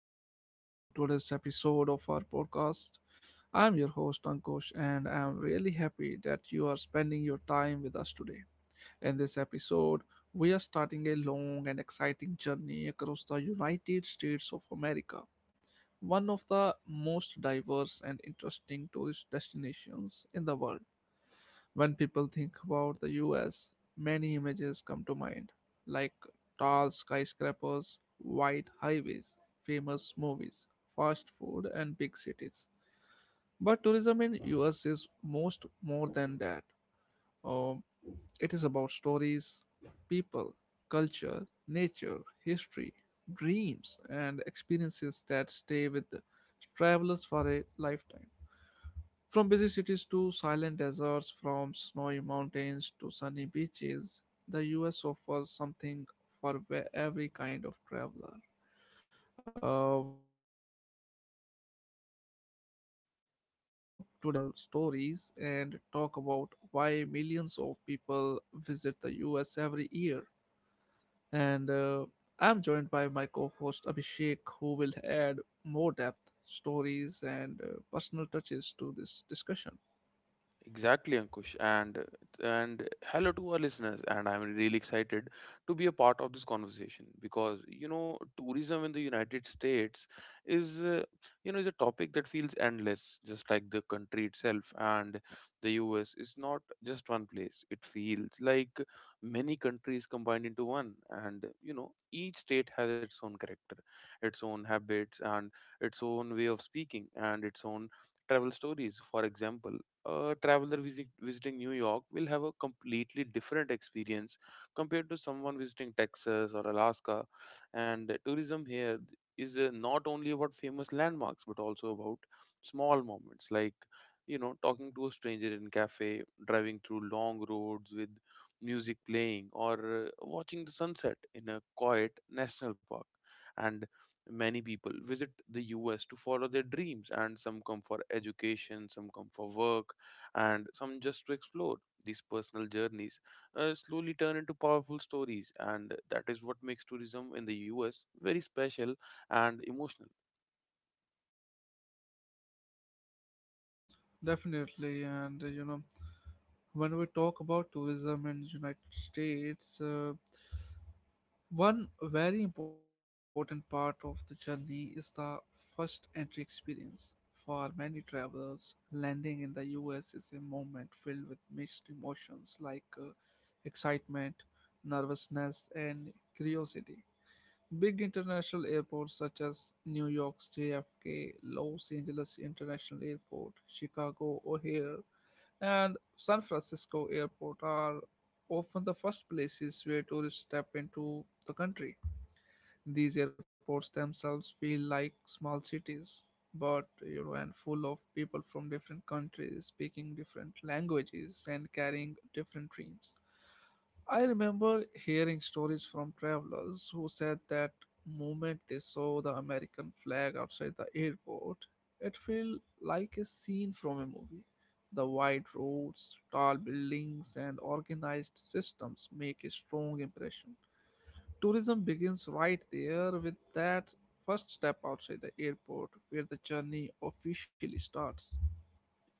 warm welcome to today's episode of our podcast. I'm your host, Ankush, and I'm really happy that you are spending your time with us today. In this episode, we are starting a long and exciting journey across the United States of America, one of the most diverse and interesting tourist destinations in the world. When people think about the US, many images come to mind, like tall skyscrapers, wide highways, famous movies, fast food, and big cities. But tourism in US is most more than that. Um, it is about stories, people, culture, nature, history, dreams, and experiences that stay with travelers for a lifetime. From busy cities to silent deserts, from snowy mountains to sunny beaches, the US offers something for every kind of traveler. Today, we will slowly explore this vast country, share travel stories, and talk about why millions of people visit the US every year. And I'm joined by my co host Abhishek, who will add more depth, stories, and personal touches to this discussion. Exactly, Ankush, and hello to our listeners. And I'm really excited to be a part of this conversation because you know tourism in the United States is you know is a topic that feels endless, just like the country itself. And the U.S. is not just one place; it feels like many countries combined into one. And you know each state has its own character, its own habits, and its own way of speaking, and its own travel stories. For example, a visiting New York will have a completely different experience compared to someone visiting Texas or Alaska. And tourism here is, not only about famous landmarks but also about small moments like you know talking to a stranger in cafe, driving through long roads with music playing, or watching the sunset in a quiet national park. And many people visit the U.S. to follow their dreams, and some come for education, some come for work and some just to explore. These personal journeys slowly turn into powerful stories, and that is what makes tourism in the U.S. very special and emotional. Definitely, and you know, when we talk about tourism in United States, one very important part of the journey is the first entry experience. For many travelers, landing in the US is a moment filled with mixed emotions like excitement, nervousness, and curiosity. Big international airports such as New York's JFK, Los Angeles International Airport, Chicago O'Hare, and San Francisco airport are often the first places where tourists step into the country. These airports themselves feel like small cities, but you know, and full of people from different countries, speaking different languages, and carrying different dreams. I remember hearing stories from travelers who said that moment they saw the American flag outside the airport, it felt like a scene from a movie. The wide roads, tall buildings, and organized systems make a strong impression. Tourism begins right there with that first step outside the airport where the journey officially starts.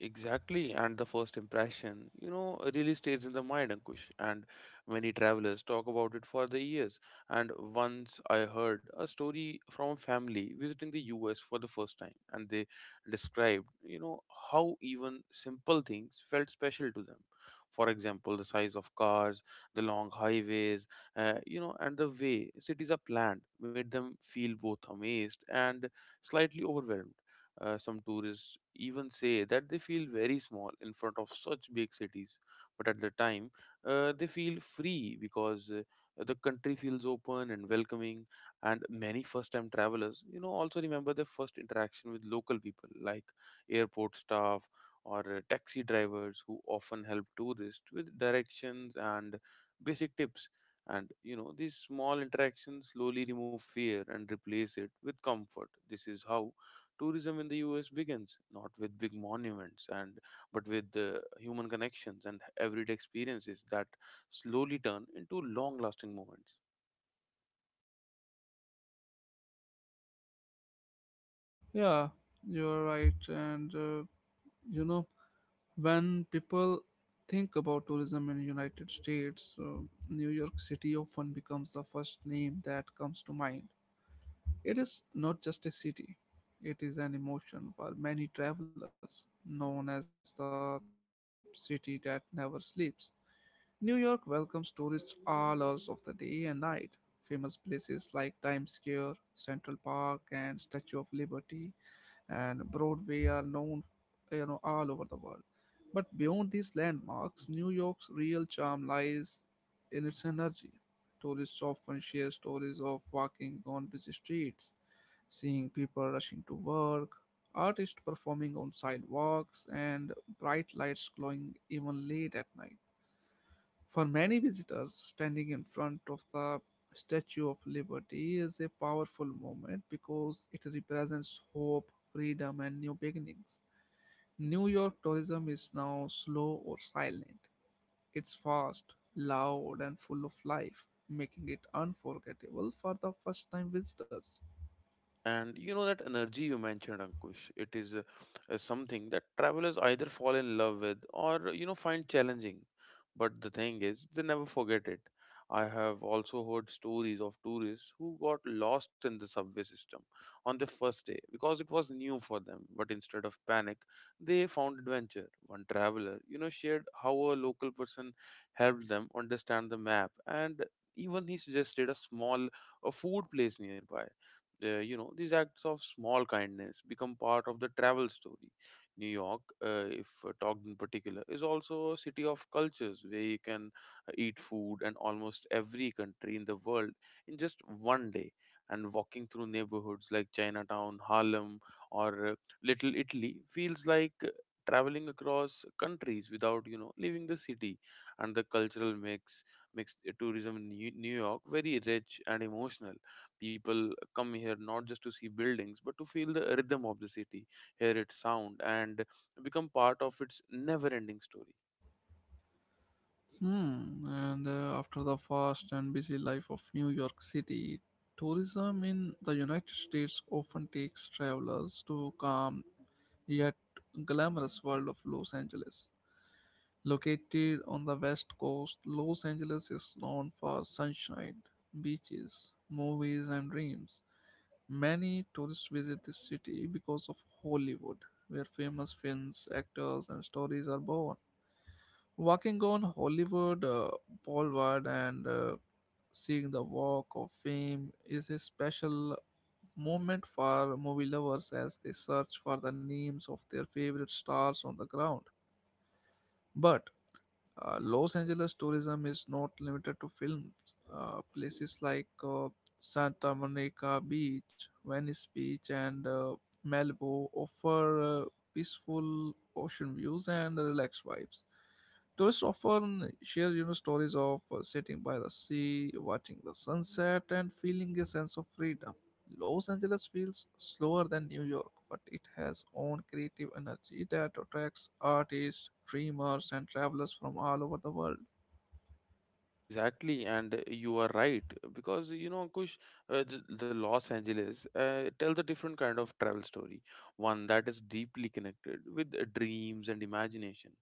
Exactly, and the first impression, you know, really stays in the mind, Ankush. And many travelers talk about it for the years. And once I heard a story from a family visiting the U.S. for the first time, and they described, you know, how even simple things felt special to them. For example, the size of cars, the long highways, you know, and the way cities are planned made them feel both amazed and slightly overwhelmed. Some tourists even say that they feel very small in front of such big cities, but at the time, they feel free because the country feels open and welcoming. And many first time travelers, you know, also remember their first interaction with local people like airport staff or taxi drivers who often help tourists with directions and basic tips. And you know, these small interactions slowly remove fear and replace it with comfort. This is how tourism in the U.S. begins not with big monuments and but with human connections and everyday experiences that slowly turn into long lasting moments. Yeah, you're right. And you know, when people think about tourism in United States, New York City often becomes the first name that comes to mind. It is not just a city, it is an emotion for many travelers, known as the city that never sleeps. New York welcomes tourists all hours of the day and night. Famous places like Times Square, Central Park, and Statue of Liberty and Broadway are known, you know, all over the world. But beyond these landmarks, New York's real charm lies in its energy. Tourists often share stories of walking on busy streets, seeing people rushing to work, artists performing on sidewalks, and bright lights glowing even late at night. For many visitors, standing in front of the Statue of Liberty is a powerful moment because it represents hope, freedom, and new beginnings. New York tourism is now slow or silent. It's fast, loud, and full of life, making it unforgettable for the first time visitors. And you know that energy you mentioned, Ankush, it is something that travelers either fall in love with or you know find challenging. But the thing is, they never forget it. I have also heard stories of tourists who got lost in the subway system on their first day because it was new for them. But instead of panic, they found adventure. One traveler, you know, shared how a local person helped them understand the map and even he suggested a small a food place nearby. You know, these acts of small kindness become part of the travel story. New york, if talked in particular, is also a city of cultures where you can eat food and almost every country in the world in just one day. And walking through neighborhoods like chinatown, harlem, or little italy feels like traveling across countries without you know leaving the city. And the cultural mix makes tourism in New york very rich and emotional. People come here not just to see buildings, but to feel the rhythm of the city, hear its sound, and become part of its never ending story. Hmm. And after the fast and busy life of New York City, tourism in the United States often takes travelers to calm yet glamorous world of Los Angeles. Located on the west coast, Los Angeles is known for sunshine, beaches, movies, and dreams. Many tourists visit this city because of Hollywood, where famous films, actors, and stories are born. Walking on Hollywood Boulevard and seeing the Walk of Fame is a special moment for movie lovers as they search for the names of their favorite stars on the ground. But Los Angeles tourism is not limited to films. Places like Santa Monica Beach, Venice Beach, and Malibu offer peaceful ocean views and relaxed vibes. Tourists often share you know, stories of sitting by the sea, watching the sunset, and feeling a sense of freedom. Los Angeles feels slower than New York, but it has own creative energy that attracts artists, dreamers, and travelers from all over the world. Exactly, and you are right because you know, Kush, the Los Angeles tells a different kind of travel story, one that is deeply connected with dreams and imagination.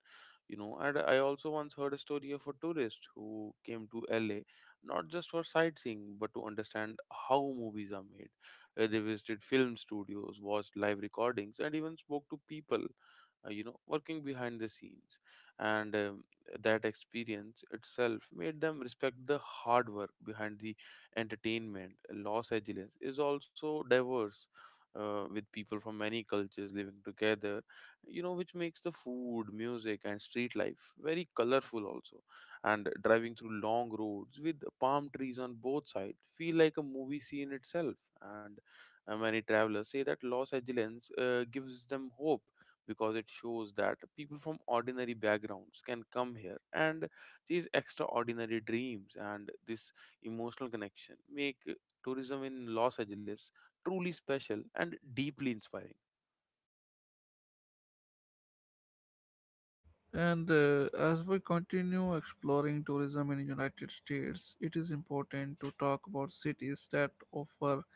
You know, and I also once heard a story of a tourist who came to LA not just for sightseeing but to understand how movies are made. They visited film studios, watched live recordings, and even spoke to people you know working behind the scenes, and that experience itself made them respect the hard work behind the entertainment. Los Angeles is also diverse, with people from many cultures living together, you know, which makes the food, music, and street life very colorful also. And driving through long roads with palm trees on both sides feel like a movie scene itself. And many travelers say that Los Angeles gives them hope because it shows that people from ordinary backgrounds can come here and these extraordinary dreams and this emotional connection make tourism in Los Angeles truly special and deeply inspiring. And as we continue exploring tourism in United States, it is important to talk about cities that offer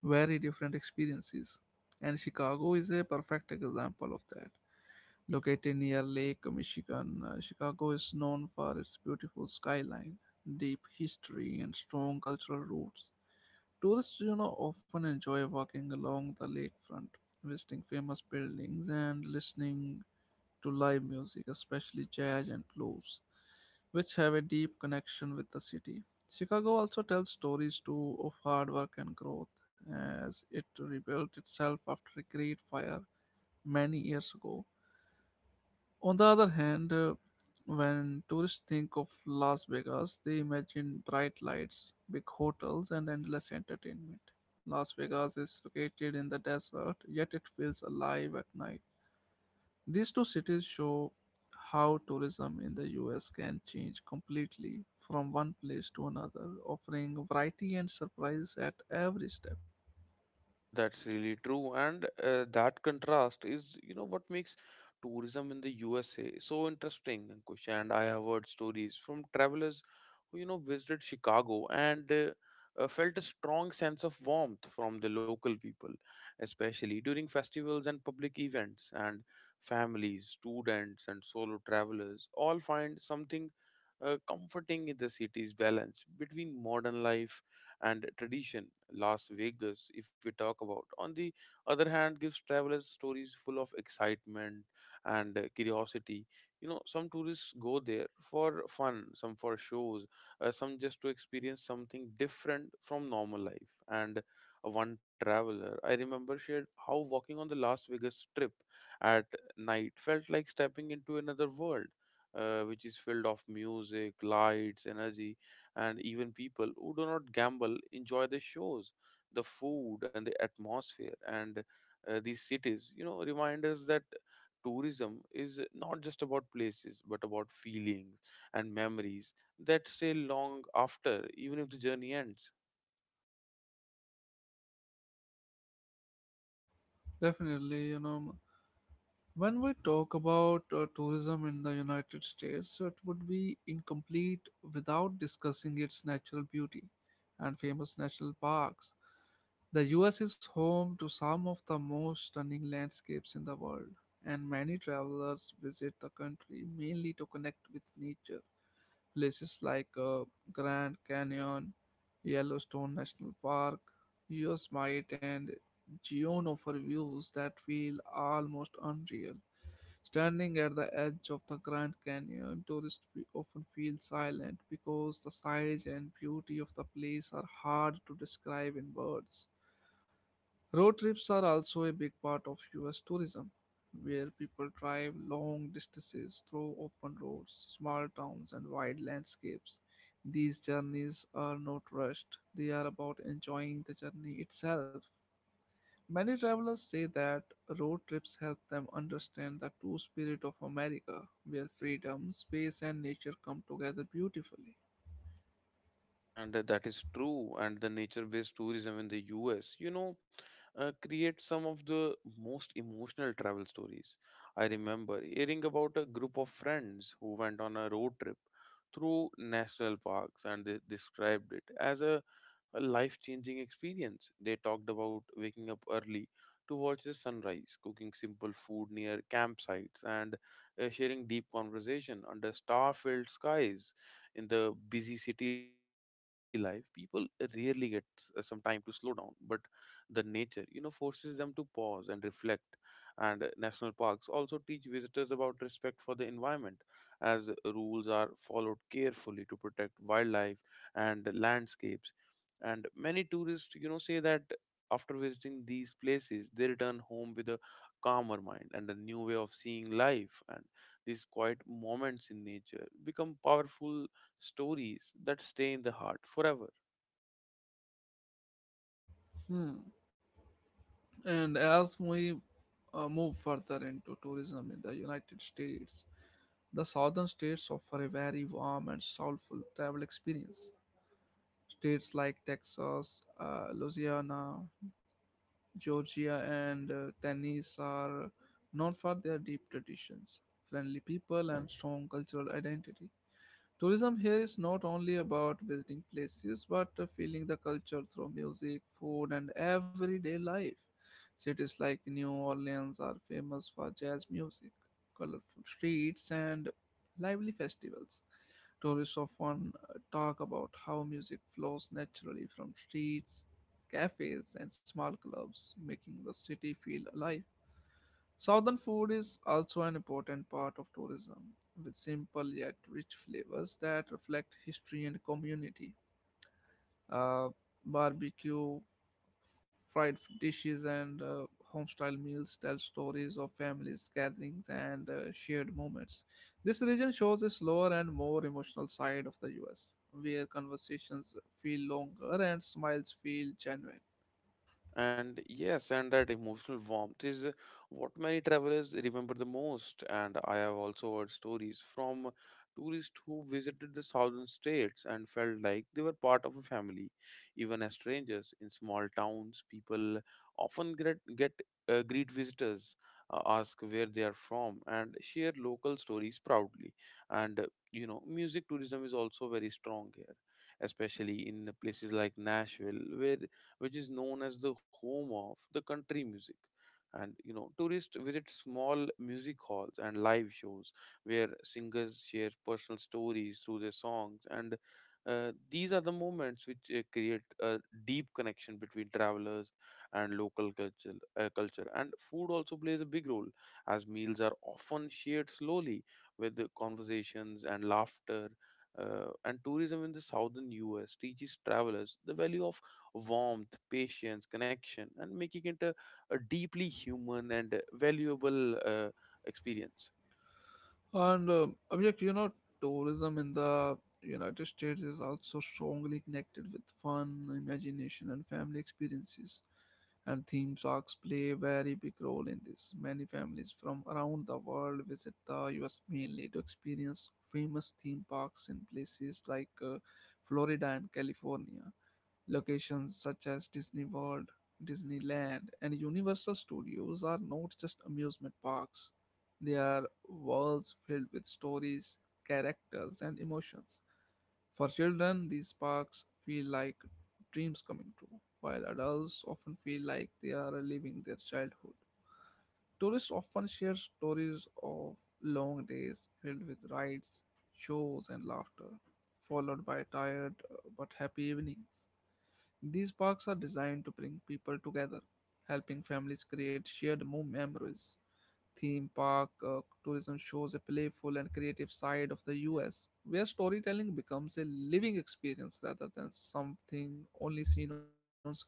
very different experiences. And Chicago is a perfect example of that. Located near Lake Michigan, Chicago is known for its beautiful skyline, deep history, and strong cultural roots. Tourists, you know, often enjoy walking along the lakefront, visiting famous buildings and listening to live music, especially jazz and blues, which have a deep connection with the city. Chicago also tells stories too of hard work and growth as it rebuilt itself after a great fire many years ago. On the other hand, when tourists think of Las Vegas, they imagine bright lights, big hotels, and endless entertainment. Las Vegas is located in the desert, yet it feels alive at night. These two cities show how tourism in the US can change completely from one place to another, offering variety and surprise at every step. That's really true, and that contrast is, you know, what makes tourism in the USA so interesting, Ankush. And I have heard stories from travelers who, you know, visited Chicago and felt a strong sense of warmth from the local people, especially during festivals and public events. And families, students, and solo travelers all find something comforting in the city's balance between modern life and tradition. Las Vegas, if we talk about. On the other hand, gives travelers stories full of excitement and curiosity. You know, some tourists go there for fun, some for shows, some just to experience something different from normal life. And one traveler I remember shared how walking on the Las Vegas Strip at night felt like stepping into another world, which is filled of music, lights, energy and even people who do not gamble enjoy the shows, the food, and the atmosphere. And these cities you know remind us that tourism is not just about places but about feelings and memories that stay long after even if the journey ends. Definitely, you know, when we talk about tourism in the United States, it would be incomplete without discussing its natural beauty and famous national parks. The US is home to some of the most stunning landscapes in the world, and many travelers visit the country mainly to connect with nature. Places like Grand Canyon, Yellowstone National Park, Yosemite, and Gion offer views that feel almost unreal. Standing at the edge of the Grand Canyon, tourists often feel silent because the size and beauty of the place are hard to describe in words. Road trips are also a big part of US tourism, where people drive long distances through open roads, small towns, and wide landscapes. These journeys are not rushed, they are about enjoying the journey itself. Many travelers say that road trips help them understand the true spirit of America, where freedom, space, and nature come together beautifully. And that is true, and the nature based tourism in the U.S. you know creates some of the most emotional travel stories. I remember hearing about a group of friends who went on a road trip through national parks and they described it as a life changing experience. They talked about waking up early to watch the sunrise, cooking simple food near campsites, and sharing deep conversation under star filled skies. In the busy city life, people rarely get some time to slow down, but the nature, you know, forces them to pause and reflect. And national parks also teach visitors about respect for the environment, as rules are followed carefully to protect wildlife and landscapes. And many tourists you know say that after visiting these places they return home with a calmer mind and a new way of seeing life. And these quiet moments in nature become powerful stories that stay in the heart forever. Hmm. And as we move further into tourism in the United States, the southern states offer a very warm and soulful travel experience. States like Texas, Louisiana, Georgia and Tennis are known for their deep traditions, friendly people, and strong cultural identity. Tourism here is not only about visiting places but feeling the culture through music, food, and everyday life. Cities like New Orleans are famous for jazz music, colorful streets, and lively festivals. Tourists often talk about how music flows naturally from streets, cafes, and small clubs, making the city feel alive. Southern food is also an important part of tourism, with simple yet rich flavors that reflect history and community. Uh, Barbecue, fried dishes, and home-style meals tell stories of families, gatherings, and shared moments. This region shows a slower and more emotional side of the U.S., where conversations feel longer and smiles feel genuine. And yes, and that emotional warmth is what many travelers remember the most. And I have also heard stories from tourists who visited the southern states and felt like they were part of a family. Even as strangers in small towns, people often get greet visitors, ask where they are from, and share local stories proudly. And you know, music tourism is also very strong here, especially in places like Nashville, where which is known as the home of the country music. And you know, tourists visit small music halls and live shows where singers share personal stories through their songs. And these are the moments which create a deep connection between travelers and local culture. Culture and food also plays a big role, as meals are often shared slowly with the conversations and laughter. And tourism in the southern U.S. teaches travelers the value of warmth, patience, connection, and making it a deeply human and valuable experience. And Abhishek, you know, tourism in the United States is also strongly connected with fun, imagination, and family experiences. And theme parks play a very big role in this. Many families from around the world visit the US mainly to experience famous theme parks in places like Florida and California. Locations such as Disney World, Disneyland, and Universal Studios are not just amusement parks, they are worlds filled with stories, characters, and emotions. For children, these parks feel like dreams coming true, while adults often feel like they are living their childhood. Tourists often share stories of long days filled with rides, shows, and laughter, followed by tired but happy evenings. These parks are designed to bring people together, helping families create shared memories. Theme park tourism shows a playful and creative side of the US, where storytelling becomes a living experience rather than something only seen on screens.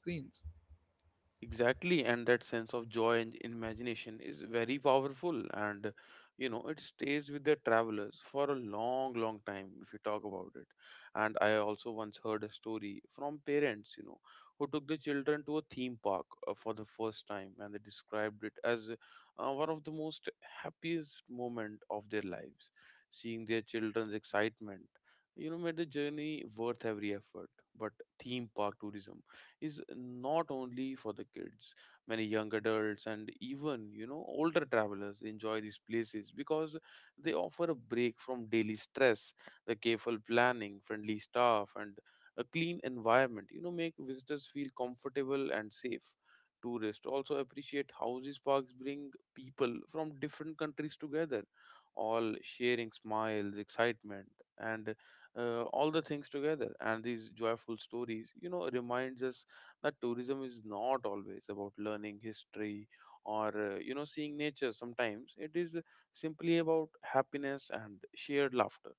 Exactly, and that sense of joy and imagination is very powerful, and you know it stays with the travelers for a long, long time if you talk about it. And I also once heard a story from parents, you know, who took the children to a theme park for the first time, and they described it as one of the most happiest moment of their lives. Seeing their children's excitement, you know, made the journey worth every effort. But theme park tourism is not only for the kids. Many young adults and even, you know, older travelers enjoy these places because they offer a break from daily stress. The careful planning, friendly staff, and a clean environment, you know, make visitors feel comfortable and safe. Tourists also appreciate how these parks bring people from different countries together, all sharing smiles, excitement, and all the things together. And these joyful stories you know reminds us that tourism is not always about learning history or you know seeing nature. Sometimes it is simply about happiness and shared laughter.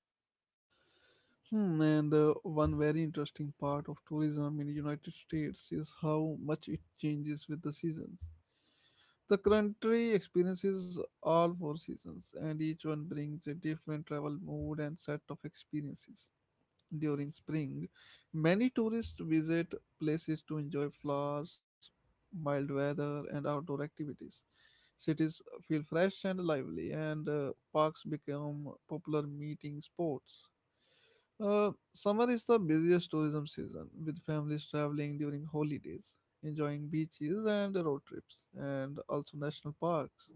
Hmm, and one very interesting part of tourism in United States is how much it changes with the seasons. The country experiences all four seasons, and each one brings a different travel mood and set of experiences during spring, many tourists visit places to enjoy flowers, mild weather, and outdoor activities. Cities feel fresh and lively, and parks become popular meeting spots. Summer is the busiest tourism season, with families traveling during holidays, enjoying beaches and road trips, and also national parks.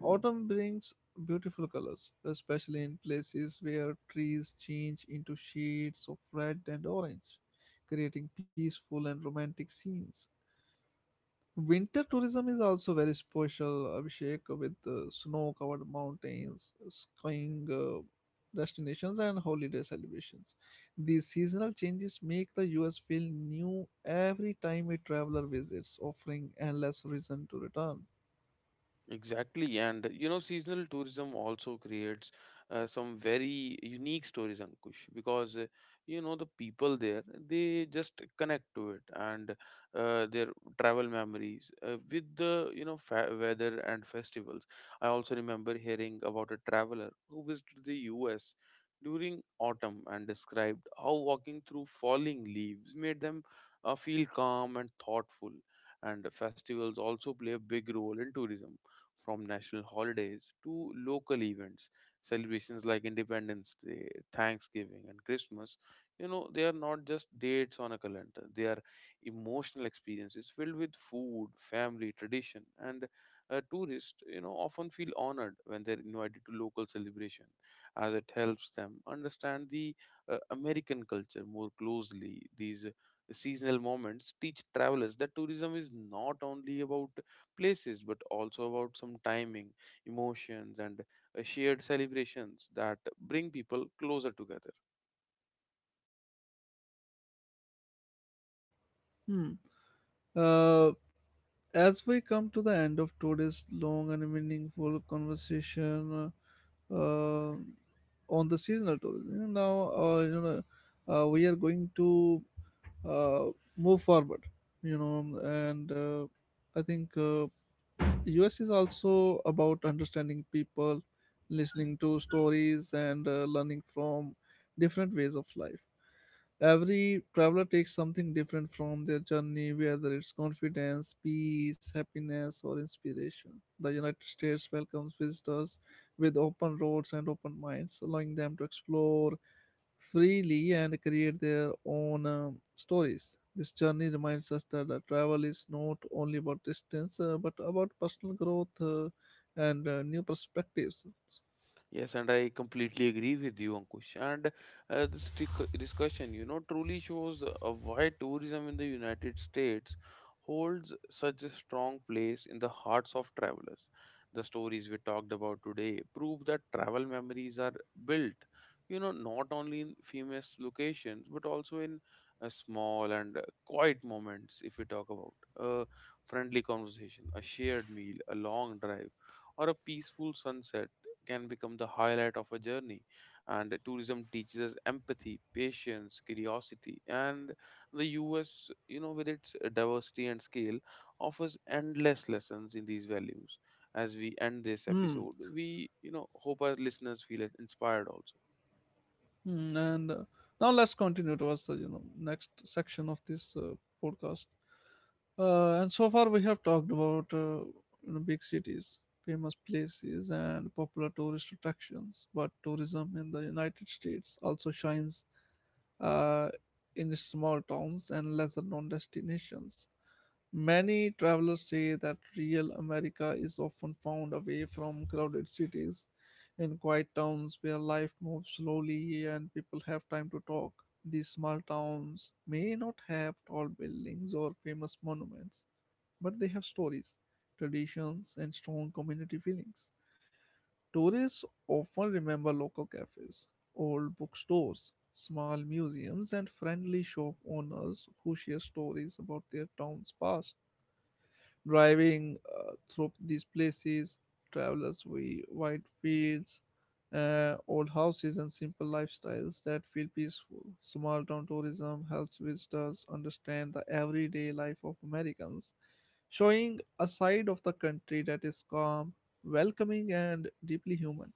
Autumn brings beautiful colors, especially in places where trees change into shades of red and orange, creating peaceful and romantic scenes. Winter tourism is also very special, Abhishek, with snow covered mountains, skiing destinations, and holiday celebrations. These seasonal changes make the US feel new every time a traveler visits, offering endless reason to return. Exactly, and you know, seasonal tourism also creates some very unique stories, Ankush, because you know the people there they just connect to it and their travel memories with the you know fa- weather and festivals. I also remember hearing about a traveler who visited the U.S. during autumn and described how walking through falling leaves made them feel calm and thoughtful and festivals also play a big role in tourism from national holidays to local events, celebrations like Independence Day, Thanksgiving, and Christmas. You know, they are not just dates on a calendar, they are emotional experiences filled with food, family, tradition, and tourists, you know, often feel honored when they're invited to local celebration as it helps them understand the American culture more closely. These seasonal moments teach travelers that tourism is not only about places, but also about some timing, emotions, and shared celebrations that bring people closer together. Hmm. As we come to the end of today's long and meaningful conversation uh, uh, on the seasonal tourism, you know, we are going to uh, move forward, you know, and I think. US is also about understanding people, listening to stories, and learning from different ways of life. Every traveler takes something different from their journey, whether it's confidence, peace, happiness, or inspiration. The United States welcomes visitors with open roads and open minds, allowing them to explore, freely and create their own stories. This journey reminds us that travel is not only about distance but about personal growth and new perspectives. Yes, and I completely agree with you, Ankush. Discussion, you know, truly shows why tourism in the United States holds such a strong place in the hearts of travelers. The stories we talked about today prove that travel memories are built, you know, not only in famous locations, but also in small and quiet moments. If we talk about a friendly conversation, a shared meal, a long drive or a peaceful sunset can become the highlight of a journey. And tourism teaches us empathy, patience, curiosity, and the US, you know, with its diversity and scale, offers endless lessons in these values. As we end this Hmm. episode, we, you know, hope our listeners feel inspired also. Mm, and Now let's continue towards the next section of this podcast. And so far we have talked about big cities, famous places, and popular tourist attractions. But tourism in the United States also shines uh, in its small towns and lesser known destinations. Many travelers say that real America is often found away from crowded cities in quiet towns where life moves slowly and people have time to talk. These small towns may not have tall buildings or famous monuments, but they have stories, traditions, and strong community feelings. Tourists often remember local cafes, old bookstores, small museums, and friendly shop owners who share stories about their town's past. Driving through these places, travelers with wide fields, old houses, and simple lifestyles that feel peaceful. Small town tourism helps visitors understand the everyday life of Americans, showing a side of the country that is calm, welcoming, and deeply human.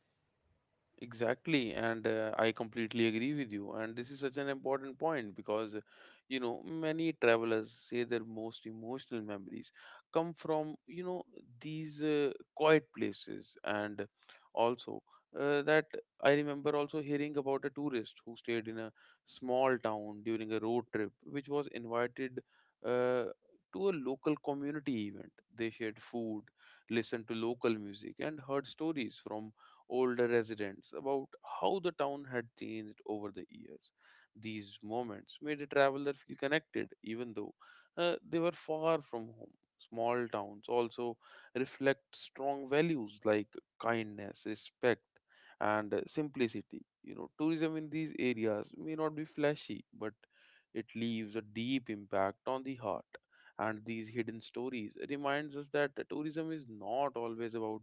Exactly, and I completely agree with you. And this is such an important point because, you know, many travelers say their most emotional memories come from, you know, these quiet places. And also, that I remember also hearing about a tourist who stayed in a small town during a road trip, which was invited uh, to a local community event. They shared food, listened to local music, and heard stories from older residents about how the town had changed over the years. These moments made a traveler feel connected, even though they were far from home. Small towns also reflect strong values like kindness, respect, and simplicity. You know, tourism in these areas may not be flashy, but it leaves a deep impact on the heart, and these hidden stories reminds us that tourism is not always about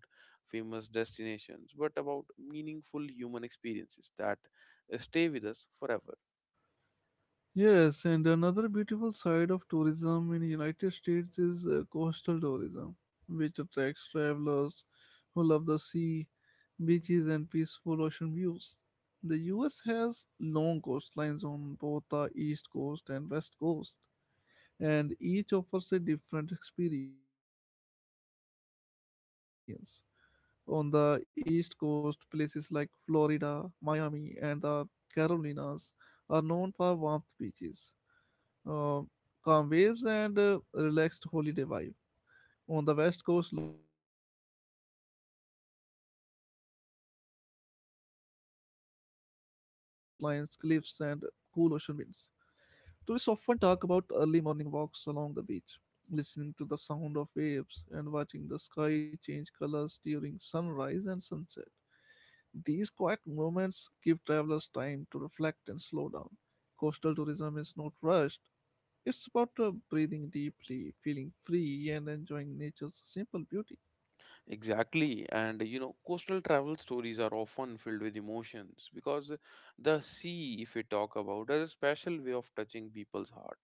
famous destinations, but about meaningful human experiences that stay with us forever. Yes, and another beautiful side of tourism in United States is coastal tourism, which attracts travelers who love the sea, beaches, and peaceful ocean views. The US has long coastlines on both the east coast and west coast, and each offers a different experience. On the east coast, places like Florida, Miami, and the Carolinas are known for warmth beaches, uh, calm waves, and relaxed holiday vibe. On the west coast, locations such as California and Oregon offer dramatic coastlines, cliffs, and cool ocean winds. Tourists often talk about early morning walks along the beach, listening to the sound of waves and watching the sky change colors during sunrise and sunset. These quiet moments give travelers time to reflect and slow down. Coastal tourism is not rushed. It's about breathing deeply, feeling free, and enjoying nature's simple Exactly. And beauty. you know, coastal travel stories are often filled with emotions because the sea, if we talk about, has a special way of touching people's heart.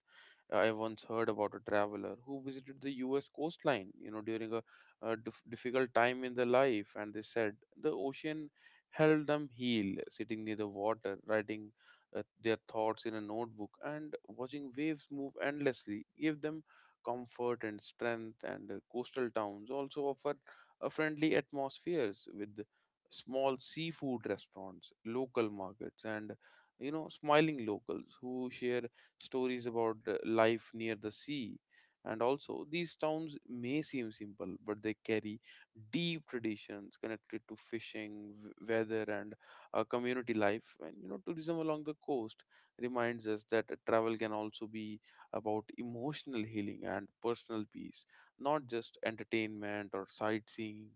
I once heard about a traveler who visited the US coastline, you know, during difficult time in their life, and they said the ocean helped them heal, sitting near the water, writing their thoughts in a notebook, and watching waves move endlessly gave them comfort and strength. And coastal towns also offer friendly atmospheres with small seafood restaurants, local markets, and you know, smiling locals who share stories about life near the sea. And also, these towns may seem simple, but they carry deep traditions connected to fishing, weather, and community life. And you know, tourism along the coast reminds us that travel can also be about emotional healing and personal peace, not just entertainment or sightseeing.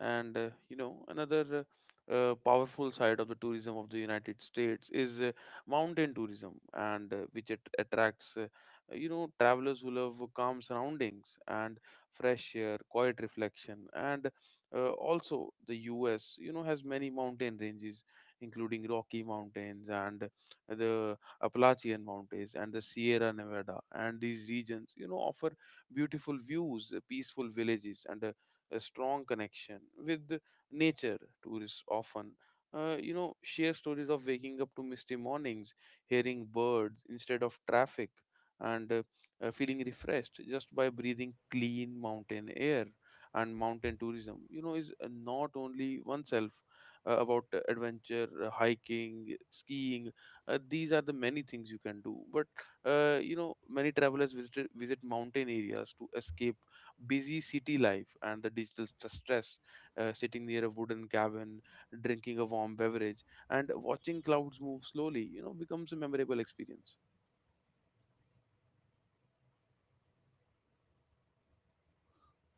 And you know, another powerful side of the tourism of the United States is mountain tourism. And which it attracts, you know, travelers who love calm surroundings and fresh air, quiet reflection. And also the US, you know, has many mountain ranges including Rocky Mountains and the Appalachian Mountains and the Sierra Nevada, and these regions, you know, offer beautiful views, peaceful villages, and a strong connection with nature. Tourists often, you know, share stories of waking up to misty mornings, hearing birds instead of traffic, and feeling refreshed just by breathing clean mountain air. And mountain tourism, you know, is not only oneself about adventure, hiking, skiing. These are the many things you can do, but you know, many travelers visit mountain areas to escape busy city life and the digital stress. Uh, sitting near a wooden cabin, drinking a warm beverage, and watching clouds move slowly, you know, becomes a memorable experience.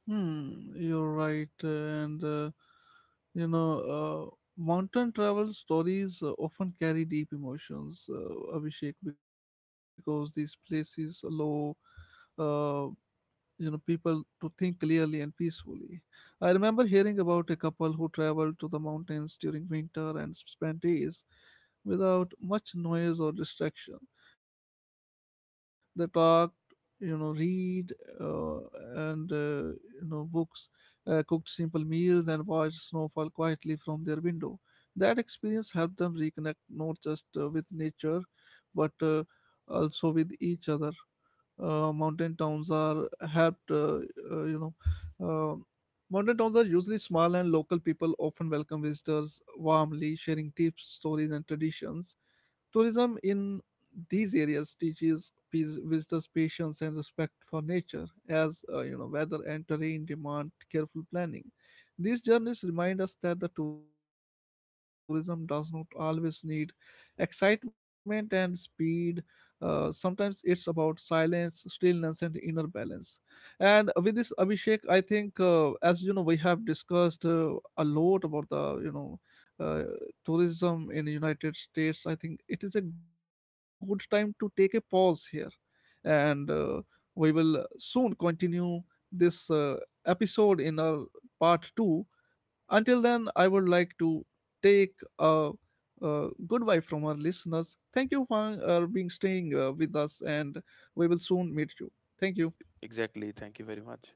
Hmm, you're right. You know, Mountain travel stories often carry deep emotions, Abhishek, because these places allow uh, people to think clearly and peacefully. I remember hearing about a couple who traveled to the mountains during winter and spent days without much noise or distraction. They talked, read, and books, cooked simple meals and watched snowfall quietly from their window. That experience helped them reconnect, not just with nature, but also with each other. Uh, mountain towns are helped you know uh, Modern towns are usually small, and local people often welcome visitors warmly, sharing tips, stories, and traditions. Tourism in these areas teaches visitors patience and respect for nature, as weather and terrain demand careful planning. These journeys remind us that the tourism does not always need excitement and speed. Sometimes it's about silence, stillness, and inner balance. And with this Abhishek, I think as you know, we have discussed a lot about the uh, tourism in United States. I think it is a good time to take a pause here, and we will soon continue this episode in our part two. Until then, I would like to take a, a goodbye from our listeners. Thank you for being staying with us, and we will soon meet you. Thank you. Exactly. Thank you very much.